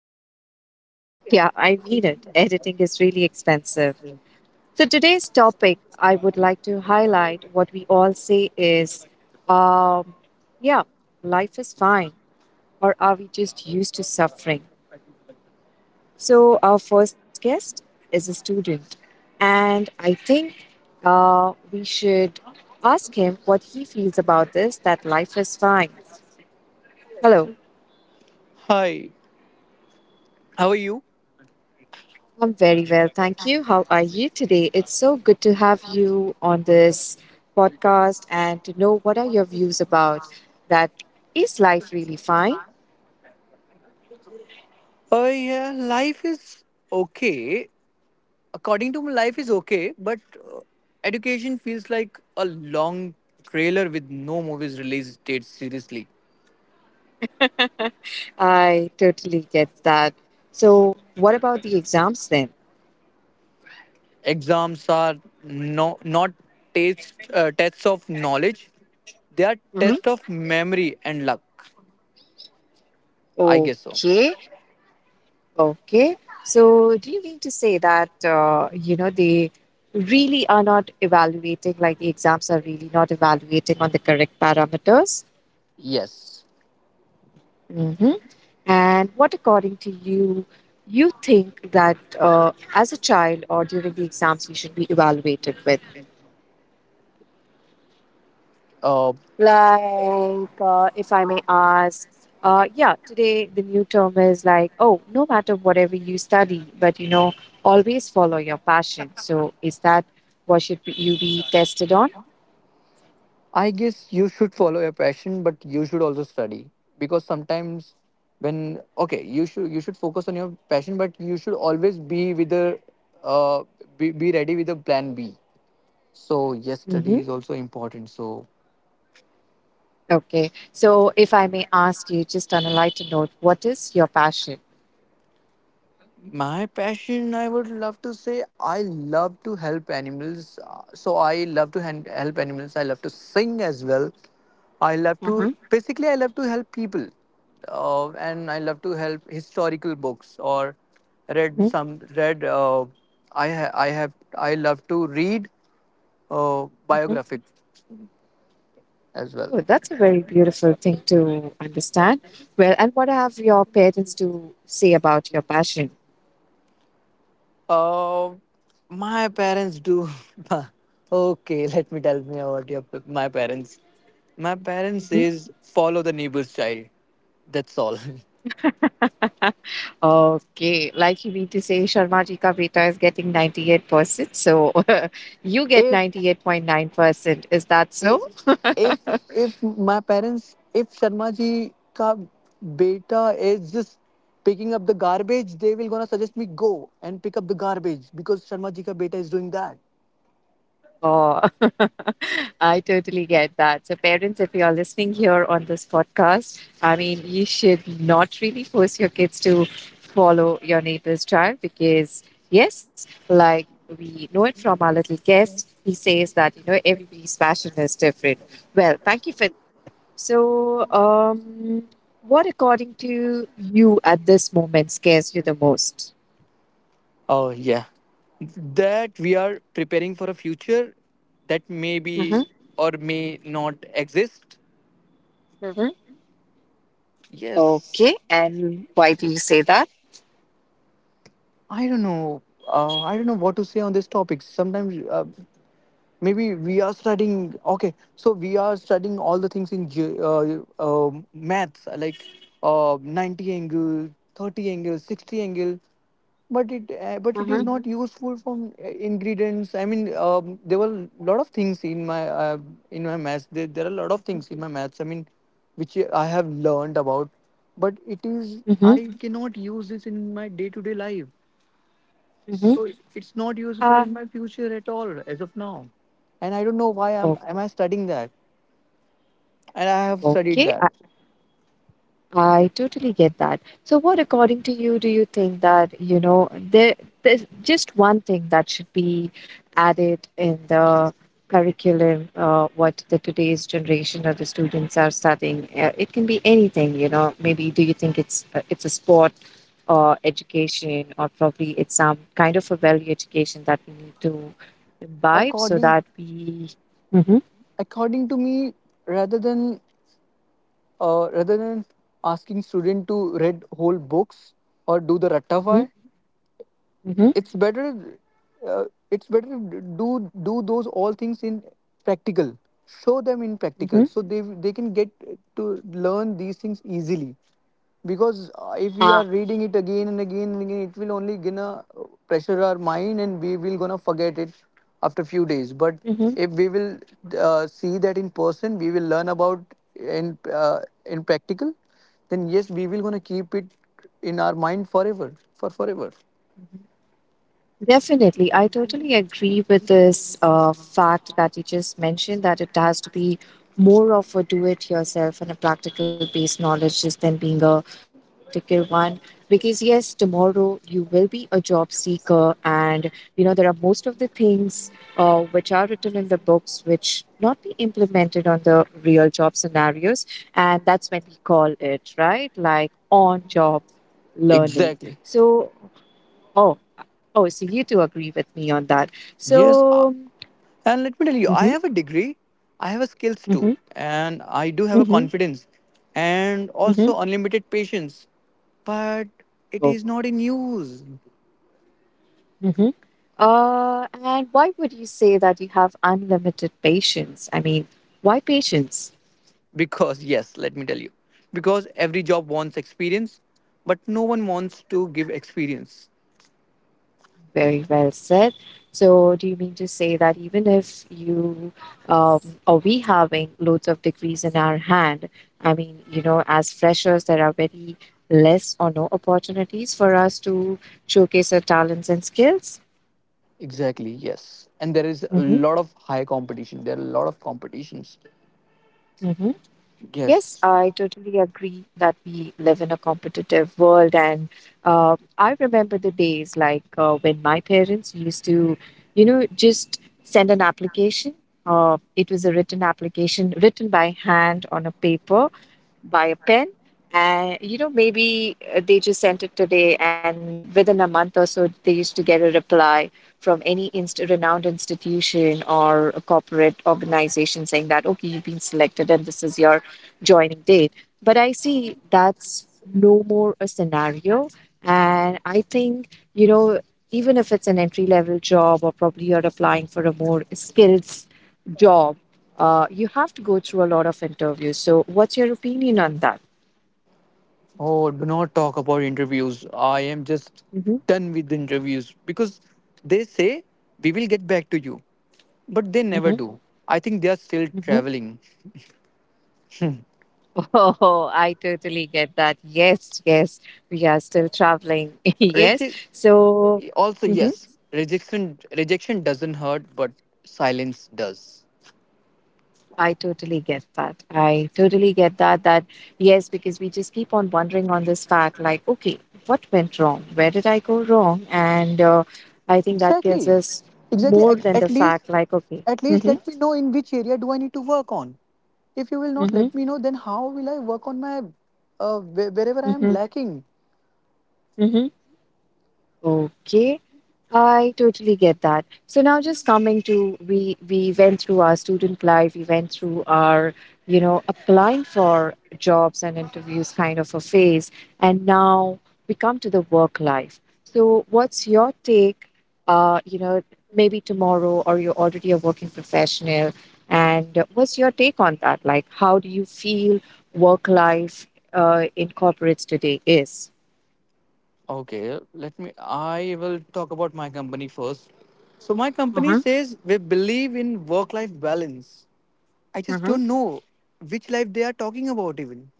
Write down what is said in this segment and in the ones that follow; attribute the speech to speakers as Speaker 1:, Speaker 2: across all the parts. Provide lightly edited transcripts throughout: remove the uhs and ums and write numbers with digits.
Speaker 1: expensive. Yeah, I mean it. Editing is really expensive. So, today's topic, I would like to highlight what we all say is um, yeah, life is fine, or are we just used to suffering? So, our first guest is a student, and I think we should ask him what he feels about this that life is fine. Hello.
Speaker 2: Hi, how are you?
Speaker 1: I'm very well, thank you. How are you today? It's so good to have you on this podcast and to know what are your views about that. Is life really fine?
Speaker 2: Yeah, life is okay. According to me, life is okay, but education feels like a long trailer with no movies released dates, seriously.
Speaker 1: I totally get that. So, what about the exams then?
Speaker 2: Exams are, no, not tests of knowledge, they are tests
Speaker 1: Hmm.
Speaker 2: of memory and luck. I guess so.
Speaker 1: Okay, okay. So, do you mean to say that they really are not evaluating, like the exams are really not evaluating on the correct parameters?
Speaker 2: Yes.
Speaker 1: Mhm. And what, according to you, you think that as a child or during the exams you should be evaluated with?
Speaker 2: Uh,
Speaker 1: Like, if I may ask, yeah, today the new term is like, oh, no matter whatever you study, but always follow your passion. So, is that what you be tested on?
Speaker 2: I guess you should follow your passion, but you should also study, because sometimes when, okay, you should focus on your passion, but you should always be with a uh, be ready with a plan B. So yes, study
Speaker 1: Mhm.
Speaker 2: is also important. So
Speaker 1: Okay. So, if I may ask you, just on a lighter note, what is your passion?
Speaker 2: my passion, I would love to say, I love to help animals. So I love to help animals. I love to sing as well.
Speaker 1: Mhm.
Speaker 2: I love to help people. And I love to help historical books, or read
Speaker 1: Mhm,
Speaker 2: some, read, uh, I, ha- I have, I love to read
Speaker 1: mhm.
Speaker 2: biographic as well.
Speaker 1: Oh, that's a very beautiful thing to understand. Well, and what have your parents to say about your passion?
Speaker 2: Uh, my parents do. Okay, let me tell me about your my parents. My parents
Speaker 1: Mhm.
Speaker 2: says, follow the neighbor's child. That's all.
Speaker 1: Okay, like you mean to say, Sharma ji ka beta is getting 98%, so you get
Speaker 2: if
Speaker 1: 98.9%. Is that so?
Speaker 2: if if if my parents if Sharma ji ka beta is just picking up the garbage, they will gonna suggest me go and pick up the garbage, because Sharma ji ka beta is doing that.
Speaker 1: Oh, I totally get that. So, parents, if you're listening here on this podcast, I mean, you should not really force your kids to follow your neighbor's child because, yes, like we know it from our little guest, he says that, everybody's passion is different. Well, thank you for that. So, what according to you at this moment scares you the most?
Speaker 2: Oh, yeah. That we are preparing for a future that may
Speaker 1: Mm-hmm,
Speaker 2: be or may not exist.
Speaker 1: mm-hmm.
Speaker 2: Yes.
Speaker 1: Okay. And why do you say that?
Speaker 2: I don't know. I don't know what to say on this topic. Sometimes, maybe we are studying, okay, so we are studying all the things in maths, like 90 angle, 30 angle, 60 angle, but it
Speaker 1: Mm-hmm.
Speaker 2: is not useful. From ingredients, I mean, there were a lot of things in my maths, there are a lot of things in my maths, I mean, which I have learned about, but it is,
Speaker 1: Mm-hmm.
Speaker 2: I cannot use this in my day to day life,
Speaker 1: Mm-hmm.
Speaker 2: so it's not useful
Speaker 1: Uh,
Speaker 2: in my future at all as of now. And I don't know why I'm
Speaker 1: o-
Speaker 2: am I studying that. And I have studied
Speaker 1: okay, I,
Speaker 2: that.
Speaker 1: I totally get that. So, what, according to you, do you think that, there's just one thing that should be added in the curriculum, what the today's generation or the students are studying? It can be anything. Maybe do you think it's a sport or education, or probably it's some kind of a value education that we need to imbibe so
Speaker 2: According
Speaker 1: that we. Mm-hmm.
Speaker 2: according to me, rather than rather than asking student to read whole books or do the
Speaker 1: Mm-hmm.
Speaker 2: rattafai,
Speaker 1: Mm-hmm.
Speaker 2: it's better, uh, it's better, do those all things in practical, show them in
Speaker 1: Mm-hmm.
Speaker 2: practical, so they can get to learn these things easily, because if we are
Speaker 1: Ah,
Speaker 2: reading it again and again and again, it will only gonna pressure our mind, and we will gonna forget it after few days. But
Speaker 1: mhm,
Speaker 2: if we will see that in person, we will learn about, in uh, in practical, then yes, we will gonna keep it in our mind forever, forever.
Speaker 1: mhm. Definitely. I totally agree with this fact that you just mentioned that it has to be more of a do it yourself and a practical based knowledge just than being a theoretical one. Because, yes, tomorrow you will be a job seeker, and there are most of the things which are written in the books which not be implemented on the real job scenarios. And that's when we call it, right? Like on job learning.
Speaker 2: Exactly.
Speaker 1: So Oh, oh, so you do agree with me on that.
Speaker 2: Yes. uh,
Speaker 1: So,
Speaker 2: And let me tell you, I
Speaker 1: mm-hmm,
Speaker 2: have a degree, I have a skills
Speaker 1: mm-hmm,
Speaker 2: too, and I do have a
Speaker 1: mm-hmm,
Speaker 2: confidence, and
Speaker 1: mm-hmm.
Speaker 2: also unlimited patience. But it
Speaker 1: Oh,
Speaker 2: is not in use.
Speaker 1: mm-hmm. And why would you say that you have unlimited patience? I mean, why patience?
Speaker 2: Because, yes, let me tell you, because every job wants experience, but no one wants to give experience.
Speaker 1: Very well said. So, do you mean to say that even if you um, or we having loads of degrees in our hand, I mean, as freshers, there are very less or no opportunities for us to showcase our talents and skills?
Speaker 2: Exactly, yes. And there is a lot of high competition, there are a lot of competitions.
Speaker 1: Mm-hmm. Yes,
Speaker 2: Yes.
Speaker 1: I totally agree that we live in a competitive world. And I remember the days like when my parents used to, just send an application. It was a written application written by hand on a paper by a pen. And, maybe they just sent it today, and within a month or so, they used to get a reply from any renowned institution or a corporate organization saying that, okay, you've been selected and this is your joining date. But I see that's no more a scenario. And I think, you know, even if it's an entry level job or probably you're applying for a more skills job, you have to go through a lot of interviews. So, what's your opinion on that?
Speaker 2: Oh, do not talk about interviews. I am just
Speaker 1: Hmm.
Speaker 2: done with interviews, because they say we will get back to you, but they never
Speaker 1: Hmm.
Speaker 2: do. I think they are still
Speaker 1: Hmm.
Speaker 2: traveling.
Speaker 1: Oh, I totally get that. Yes, yes, we are still traveling. Yes.
Speaker 2: Reje-
Speaker 1: So,
Speaker 2: Also, yes, rejection doesn't hurt, but silence does.
Speaker 1: I totally get that. I totally get that. That, yes, because we just keep on wondering on this fact like, okay, what went wrong? Where did I go wrong? And I think that gives
Speaker 2: Exactly.
Speaker 1: us
Speaker 2: Exactly.
Speaker 1: more
Speaker 2: At,
Speaker 1: than
Speaker 2: at
Speaker 1: the
Speaker 2: least
Speaker 1: fact like, okay,
Speaker 2: at least
Speaker 1: mm-hmm,
Speaker 2: let me know in which area do I need to work on. If you will not
Speaker 1: mm-hmm,
Speaker 2: let me know, then how will I work on my wherever I am
Speaker 1: mm-hmm,
Speaker 2: lacking?
Speaker 1: mm-hmm. Okay, I totally get that. So now just coming to we went through our student life, we went through our applying for jobs and interviews kind of a phase, and now we come to the work life. So what's your take? Uh, you know, maybe tomorrow or you're already a working professional, and what's your take on that? Like, how do you feel work life in corporates today is?
Speaker 2: Okay, let me. I will talk about my company first. So, my company
Speaker 1: Mm-hmm,
Speaker 2: says we believe in work life balance. I just
Speaker 1: mm-hmm.
Speaker 2: don't know which life they are talking about, even.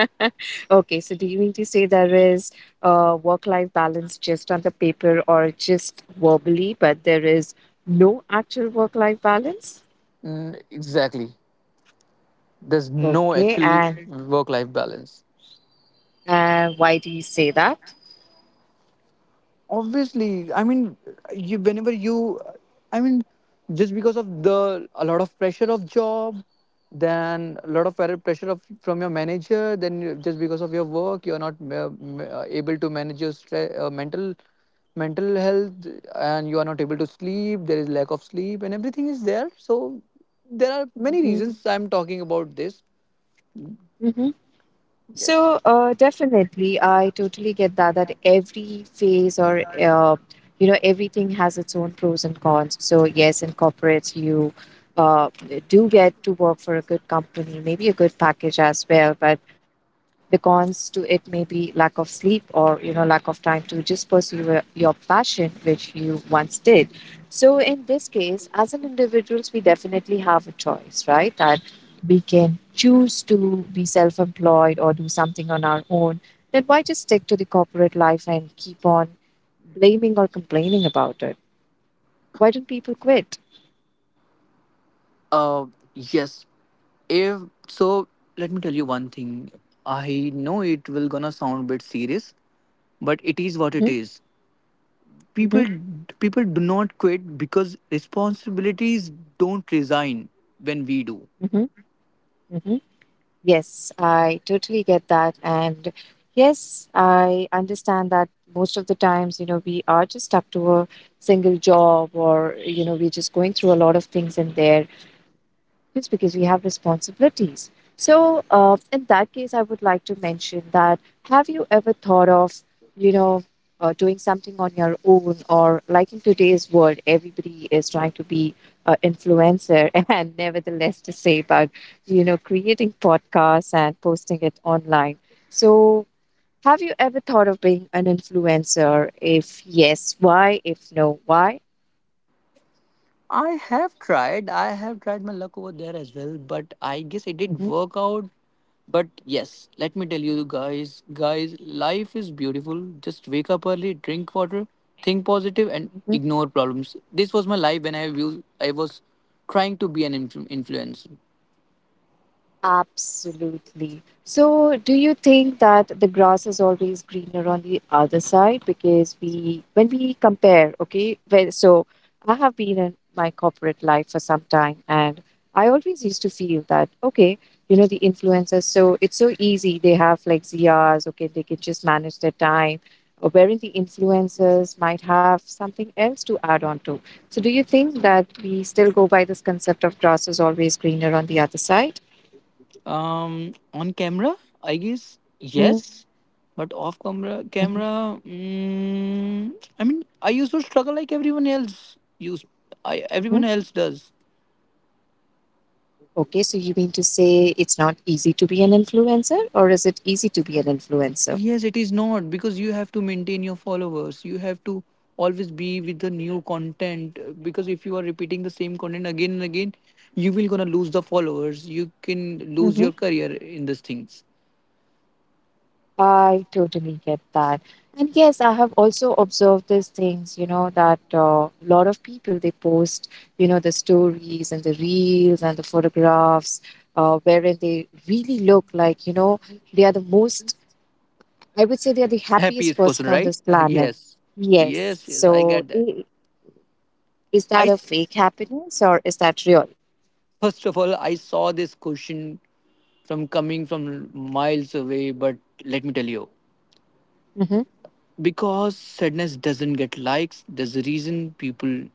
Speaker 1: Okay, so do you mean to say there is work-life balance just on the paper or just verbally, but there is no actual work-life balance?
Speaker 2: Mm, exactly. There's no
Speaker 1: Okay,
Speaker 2: actually
Speaker 1: and
Speaker 2: work life balance.
Speaker 1: why do you say that?
Speaker 2: Obviously, I mean, you whenever you, I mean, just because of the a lot of pressure of job, then a lot of pressure from your manager, then just because of your work, you're not able to manage your mental health, and you are not able to sleep, there is lack of sleep and everything is there. So there are many
Speaker 1: Mm-hmm.
Speaker 2: reasons I'm talking about this. Yes.
Speaker 1: So, definitely, I totally get that that every phase or everything has its own pros and cons. So yes, in corporates you uh, do get to work for a good company, maybe a good package as well. But the cons to it may be lack of sleep or lack of time to just pursue your passion, which you once did. So in this case, as an individuals, we definitely have a choice, right? We can choose to be self employed or do something on our own, then why just stick to the corporate life and keep on blaming or complaining about it? Why don't people quit?
Speaker 2: Uh, yes. If so, let me tell you one thing. I know it will gonna sound a bit serious, but it is
Speaker 1: Hmm.
Speaker 2: what it is.
Speaker 1: Hmm.
Speaker 2: People, people do not quit because responsibilities don't resign when we do.
Speaker 1: Hmm. Hmm. Yes, I totally get that. And yes, I understand that most of the times, we are just stuck to a single job or, we're just going through a lot of things in there just because we have responsibilities. So, in that case, I would like to mention that have you ever thought of, you know, doing something on your own, or like in today's world, everybody is trying to be an influencer, and nevertheless, to say about, creating podcasts and posting it online. So, have you ever thought of being an influencer? If yes, why? If no, why?
Speaker 2: I have tried. I have tried my luck over there as well, but I guess it didn't work out. But yes, let me tell you, guys, life is beautiful. Just wake up early, drink water, think positive, and ignore problems. This was my life when I was trying to be an influencer.
Speaker 1: Absolutely. So, do you think that the grass is always greener on the other side? Because we, when we compare, okay, well, so I have been in my corporate life for some time, and I always used to feel that, okay, the influencers, so it's so easy. They have like ZRs, okay, they can just manage their time, or wherein the influencers might have something else to add on to. So, do you think that we still go by this concept of grass is always greener on the other side?
Speaker 2: On camera, I guess yes, but off camera,
Speaker 1: Mhm,
Speaker 2: I mean, I used to struggle like everyone else used. I
Speaker 1: mhm.
Speaker 2: Everyone else does.
Speaker 1: Okay, so you mean to say it's not easy to be an influencer, or is it easy to be an influencer?
Speaker 2: Yes, it is not, because you have to maintain your followers. You have to always be with the new content, because if you are repeating the same content again and again, you will gonna lose the followers. You can lose
Speaker 1: Mm-hmm.
Speaker 2: your career in these things.
Speaker 1: I totally get that. And yes, I have also observed these things, that a lot of people they post, the stories and the reels and the photographs, wherein they really look like, they are the most, I would say they are the happiest
Speaker 2: Happiest person,
Speaker 1: person on
Speaker 2: right?
Speaker 1: this planet.
Speaker 2: Yes,
Speaker 1: Yes.
Speaker 2: yes, yes. I
Speaker 1: So
Speaker 2: get that.
Speaker 1: is
Speaker 2: I
Speaker 1: that a
Speaker 2: s-
Speaker 1: fake happiness or is that real?
Speaker 2: First of all, I saw this question from coming from miles away, but let me tell you, because sadness doesn't get likes. There's a reason people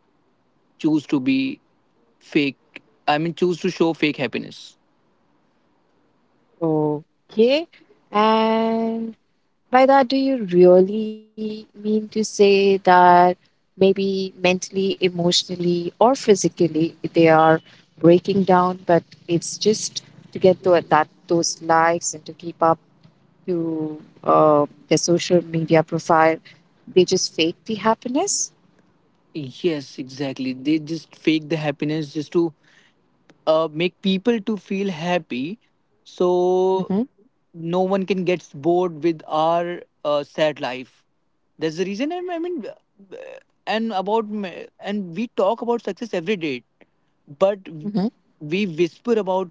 Speaker 2: choose to be fake, I mean, choose to show fake happiness.
Speaker 1: Okay. And by that, do you really mean to say that maybe mentally, emotionally, or physically they are breaking down, but it's just to get to that those likes and to keep up to their social media profile? They just fake the happiness.
Speaker 2: Yes, exactly, they just fake the happiness, just to make people to feel happy, so
Speaker 1: Mm-hmm.
Speaker 2: no one can get bored with our sad life. That's the reason, I mean, and we talk about success every day, but
Speaker 1: Mm-hmm.
Speaker 2: we whisper about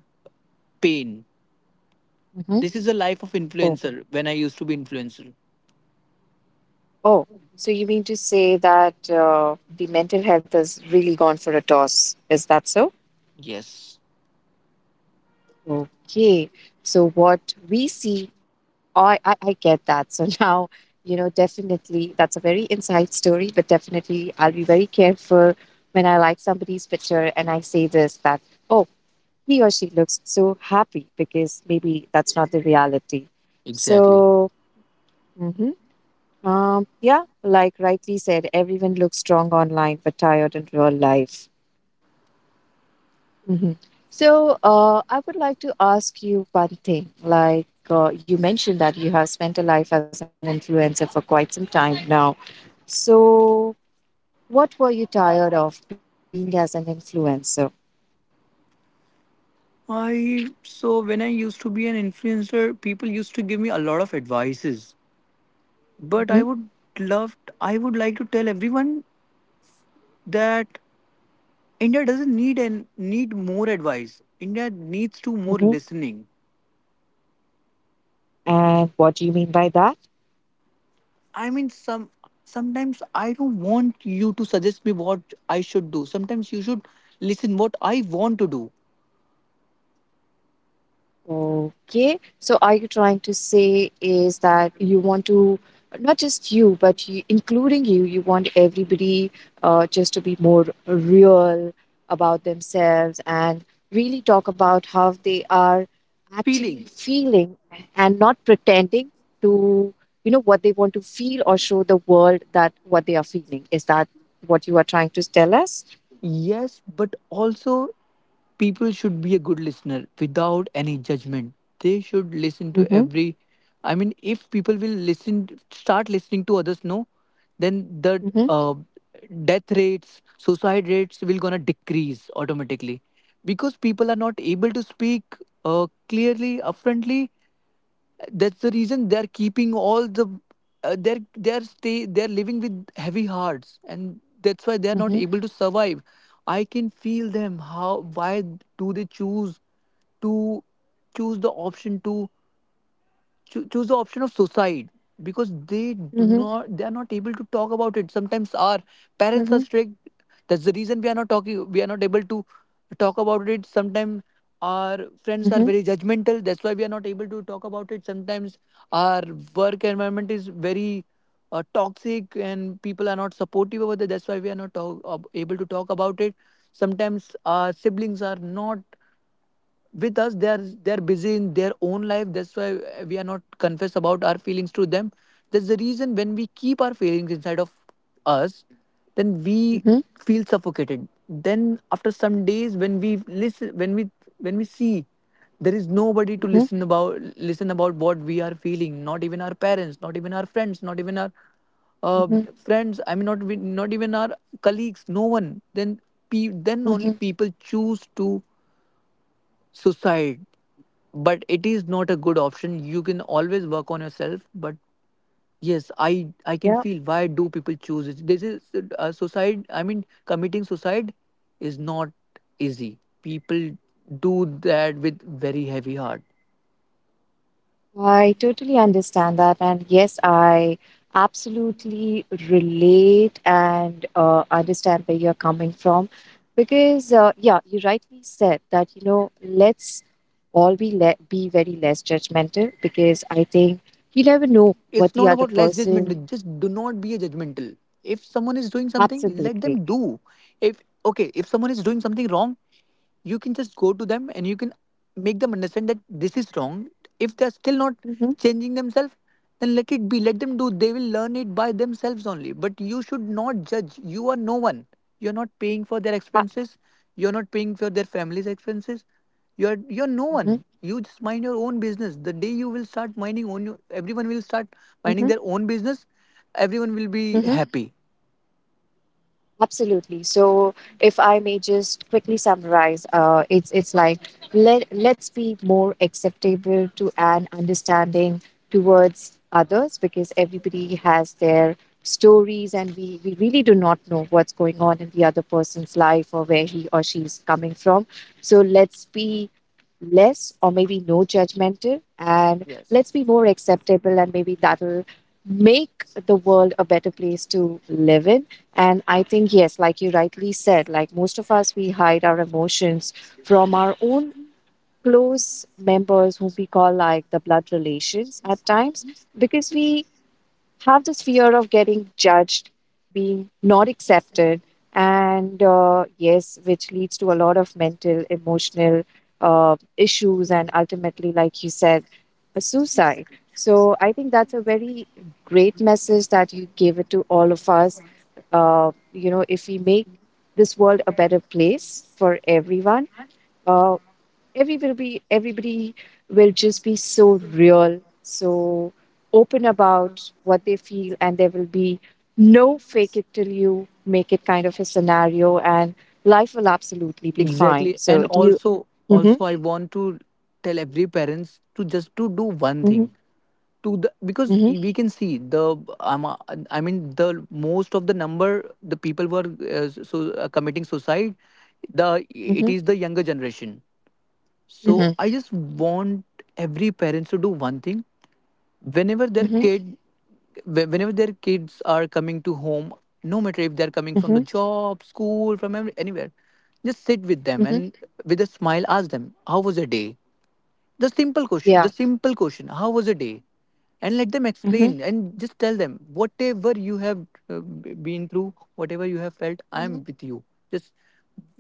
Speaker 2: pain.
Speaker 1: Mm-hmm.
Speaker 2: This is the life of
Speaker 1: Oh,
Speaker 2: influencer, when I used to be influencer.
Speaker 1: oh. So you mean to say that the mental health has really gone for a toss? Is that so?
Speaker 2: Yes,
Speaker 1: Okay. So what we see, I get that. So now, definitely that's a very inside story, but definitely I'll be very careful when I like somebody's picture and I say this that, oh, he or she looks so happy because maybe that's not the reality.
Speaker 2: exactly.
Speaker 1: So, hmm yeah, like rightly said, everyone looks strong online but tired in real life. Mhm. So, I would like to ask you one thing. Like you mentioned that you have spent a life as an influencer for quite some time now. So, what were you tired of being as an influencer?
Speaker 2: I So, when I used to be an influencer, people used to give me a lot of advices. But
Speaker 1: Hmm.
Speaker 2: I would like to tell everyone that India doesn't need, and need more advice. India needs to more
Speaker 1: Hmm.
Speaker 2: listening.
Speaker 1: And what do you mean by that?
Speaker 2: I mean, sometimes I don't want you to suggest me what I should do. Sometimes you should listen what I want to do.
Speaker 1: Okay. So are you trying to say is that you want to not just you, but you, including you, you want everybody just to be more real about themselves and really talk about how they are actually
Speaker 2: Feeling.
Speaker 1: feeling and not pretending to what they want to feel or show the world that what they are feeling. Is that what you are trying to tell us?
Speaker 2: Yes, but also people should be a good listener without any judgment. They should listen to
Speaker 1: Mm-hmm.
Speaker 2: every. I mean, if people will listen, start listening to others, no, then the
Speaker 1: Mm-hmm.
Speaker 2: uh, death rates, suicide rates will gonna decrease automatically, because people are not able to speak, clearly, upfrontly. That's the reason they're keeping all the they're living with heavy hearts, and that's why they're not
Speaker 1: Mm-hmm.
Speaker 2: able to survive. I can feel them, how, why do they choose to, choose the option to choose the option of suicide, because
Speaker 1: Mm-hmm.
Speaker 2: they are not able to talk about it. Sometimes our parents are
Speaker 1: Mm-hmm.
Speaker 2: strict, that's the reason we are not talking, we are not able to talk about it. Sometimes our friends are
Speaker 1: Mm-hmm.
Speaker 2: very judgmental, that's why we are not able to talk about it. Sometimes our work environment is very toxic, and people are not supportive over there, that's why we are not able to talk about it. Sometimes our siblings are not with us, they're busy in their own life, that's why we are not confess about our feelings to them. That's the reason, when we keep our feelings inside of us, then we
Speaker 1: Mm-hmm.
Speaker 2: feel suffocated. Then after some days, when we listen, when we see there is nobody to listen about, listen about what we are feeling, not even our parents, not even our friends, not even our uh,
Speaker 1: Mm-hmm.
Speaker 2: friends, I mean, not even our colleagues, no one, then only
Speaker 1: Mm-hmm.
Speaker 2: people choose to suicide. But it is not a good option, you can always work on yourself. But yes, I can
Speaker 1: Yeah,
Speaker 2: feel why do people choose it. This is suicide, I mean, committing suicide is not easy, people do that with very heavy heart.
Speaker 1: I totally understand that. And yes, I absolutely relate and understand where you're coming from. Because, yeah, you rightly said that, you know, let's all be, be very less judgmental because I think you never know
Speaker 2: It's
Speaker 1: what the
Speaker 2: not
Speaker 1: other
Speaker 2: about less
Speaker 1: person.
Speaker 2: judgmental, just do not be a judgmental. If someone is doing something, let
Speaker 1: Absolutely.
Speaker 2: them do. If someone is doing something wrong, you can just go to them, and you can make them understand that this is wrong. If they're still not
Speaker 1: Mm-hmm.
Speaker 2: changing themselves, then let it be, let them do, they will learn it by themselves only. But you should not judge, you are no one, you're not paying for their expenses, you're not paying for their family's expenses, you're no
Speaker 1: Mm-hmm.
Speaker 2: one, you just mind your own business. The day you will start minding own, everyone will start minding
Speaker 1: Mm-hmm.
Speaker 2: their own business, everyone will be happy.
Speaker 1: Absolutely. So, if I may just quickly summarize, it's like let's be more acceptable to and understanding towards others because everybody has their stories and we really do not know what's going on in the other person's life or where he or she is coming from. So let's be less or maybe no judgmental and
Speaker 2: Yes.
Speaker 1: let's be more acceptable and maybe that'll make the world a better place to live in. And I think, yes, like you rightly said, like most of us, we hide our emotions from our own close members whom we call like the blood relations at times because we have this fear of getting judged, being not accepted, and yes, which leads to a lot of mental, emotional issues, and ultimately, like you said, a suicide. So I think that's a very great message that you gave it to all of us. You know, if we make this world a better place for everyone, uh, everybody will just be so real, so open about what they feel and there will be no fake it till you make it kind of a scenario and life will absolutely be fine
Speaker 2: Exactly. And
Speaker 1: so do you
Speaker 2: also
Speaker 1: mm-hmm,
Speaker 2: also I want to tell every parents to just to do one
Speaker 1: mm-hmm,
Speaker 2: thing to the, because
Speaker 1: mm-hmm,
Speaker 2: we can see the I mean the most of the number, the people who are committing suicide, the it is the younger generation. So
Speaker 1: mm-hmm,
Speaker 2: I just want every parents to do one thing, whenever their
Speaker 1: mm-hmm,
Speaker 2: whenever their kids are coming to home, no matter if they're coming from the
Speaker 1: mm-hmm,
Speaker 2: job, school, from every, anywhere, just sit with them,
Speaker 1: mm-hmm,
Speaker 2: and with a smile, ask them, how was your day? the simple question the
Speaker 1: yeah
Speaker 2: simple question how was your day? And let them
Speaker 1: mm-hmm,
Speaker 2: explain, and just tell them, whatever you have been through, whatever you have felt, I am with you. Just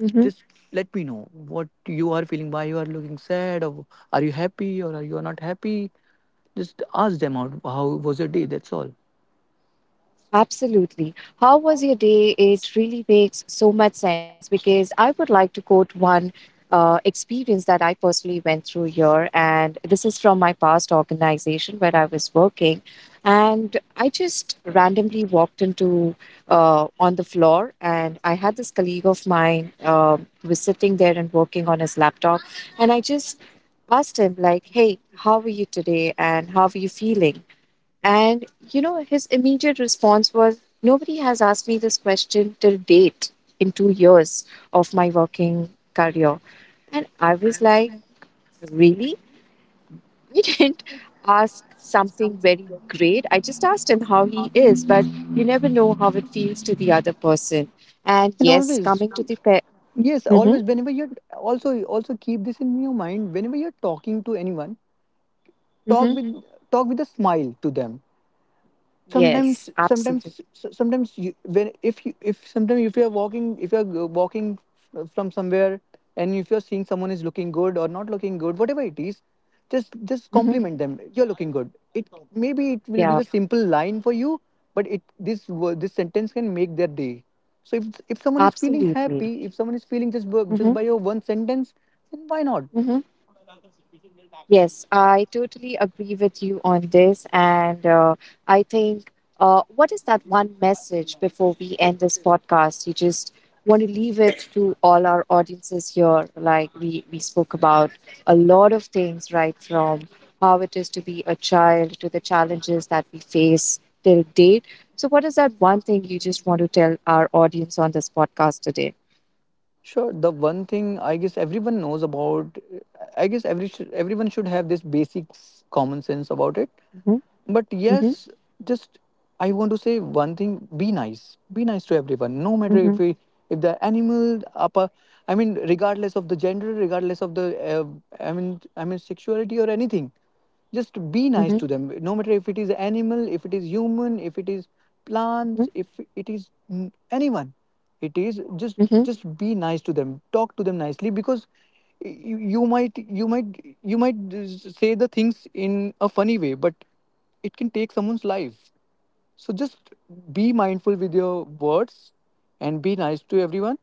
Speaker 1: mm-hmm,
Speaker 2: just let me know what you are feeling, why you are looking sad, or are you happy, or are you not happy, just ask them out, how was your day? That's all.
Speaker 1: Absolutely. How was your day? It really makes so much sense because I would like to quote one experience that I personally went through here. And this is from my past organization where I was working. And I just randomly walked into on the floor, and I had this colleague of mine who was sitting there and working on his laptop. And I just asked him, like, hey, how are you today? And how are you feeling? And, you know, his immediate response was, nobody has asked me this question till date in 2 years of my working career. And I was like, really? I didn't ask something very great. I just asked him how he is, but you never know how it feels to the other person. And
Speaker 2: And
Speaker 1: yes,
Speaker 2: always
Speaker 1: coming to the pair.
Speaker 2: yes
Speaker 1: Hmm.
Speaker 2: always whenever you're, also keep this in your mind, whenever you're talking to anyone, talk
Speaker 1: Hmm.
Speaker 2: with talk with a smile to them. sometimes
Speaker 1: Yes, absolutely.
Speaker 2: sometimes so- sometimes you, when if you if sometimes if you're walking, from somewhere, and if you're seeing someone is looking good or not looking good, whatever it is, just
Speaker 1: Hmm.
Speaker 2: compliment them, you're looking good. It Maybe it will be
Speaker 1: Yeah,
Speaker 2: the simple line for you, but this sentence can make their day. So if someone is feeling
Speaker 1: absolutely.
Speaker 2: happy, if someone is feeling, just
Speaker 1: Hmm.
Speaker 2: by your one sentence, then why not?
Speaker 1: Hmm. Yes, I totally agree with you on this. And I think, what is that one message before we end this podcast? You just want to leave it to all our audiences here. Like we spoke about a lot of things, right? From how it is to be a child to the challenges that we face till date. So, what is that one thing you just want to tell our audience on this podcast today?
Speaker 2: Sure. The one thing I guess everyone knows about, I guess everyone should have this basic common sense about it.
Speaker 1: Mm-hmm,
Speaker 2: But
Speaker 1: mm-hmm,
Speaker 2: yes, just I want to say one thing: be nice. Be nice to everyone, no matter
Speaker 1: mm-hmm,
Speaker 2: if we, if the animal, apa, I mean, regardless of the gender, regardless of the, sexuality or anything. Just be
Speaker 1: mm-hmm,
Speaker 2: nice to them, no matter if it is animal, if it is human, if it is plants, if it is anyone. It is just
Speaker 1: mm-hmm,
Speaker 2: just be nice to them. Talk to them nicely, because you might say the things in a funny way, but it can take someone's life. So just be mindful with your words, and be nice to everyone.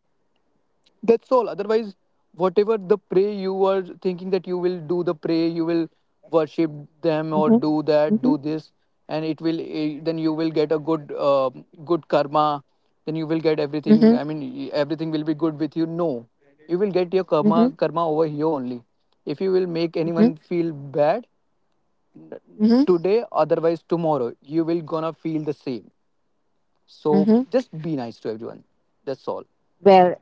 Speaker 2: That's all. Otherwise, whatever the prey you were thinking that you will do the prey, you will worship them, or
Speaker 1: mm-hmm,
Speaker 2: do that,
Speaker 1: mm-hmm,
Speaker 2: do this, and it will then you will get a good karma. Then you will get
Speaker 1: mm-hmm,
Speaker 2: everything. I mean, everything will be good with you. No, you will get your
Speaker 1: mm-hmm.
Speaker 2: karma over here only. If you will make
Speaker 1: Mm-hmm,
Speaker 2: anyone feel bad
Speaker 1: mm-hmm,
Speaker 2: today, otherwise tomorrow you will gonna feel the same. So
Speaker 1: mm-hmm.
Speaker 2: just be nice to everyone, that's all.
Speaker 1: Well,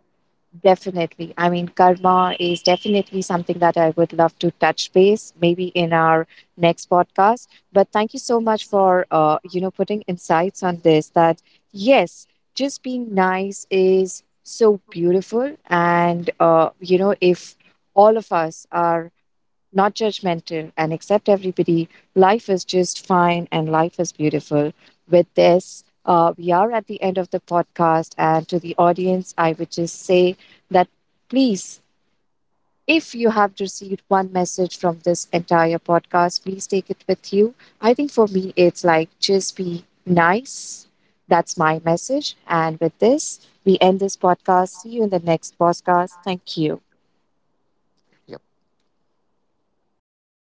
Speaker 1: definitely. I mean, karma is definitely something that I would love to touch base, maybe in our next podcast. But thank you so much for, you know, putting insights on this. That yes, just being nice is so beautiful, and you know, if all of us are not judgmental, and accept everybody. Life is just fine and life is beautiful. With this, we are at the end of the podcast. And to the audience, I would just say that please, if you have received one message from this entire podcast, please take it with you. I think for me, it's like just be nice. That's my message. And with this, we end this podcast. See you in the next podcast. Thank you.
Speaker 2: Yep.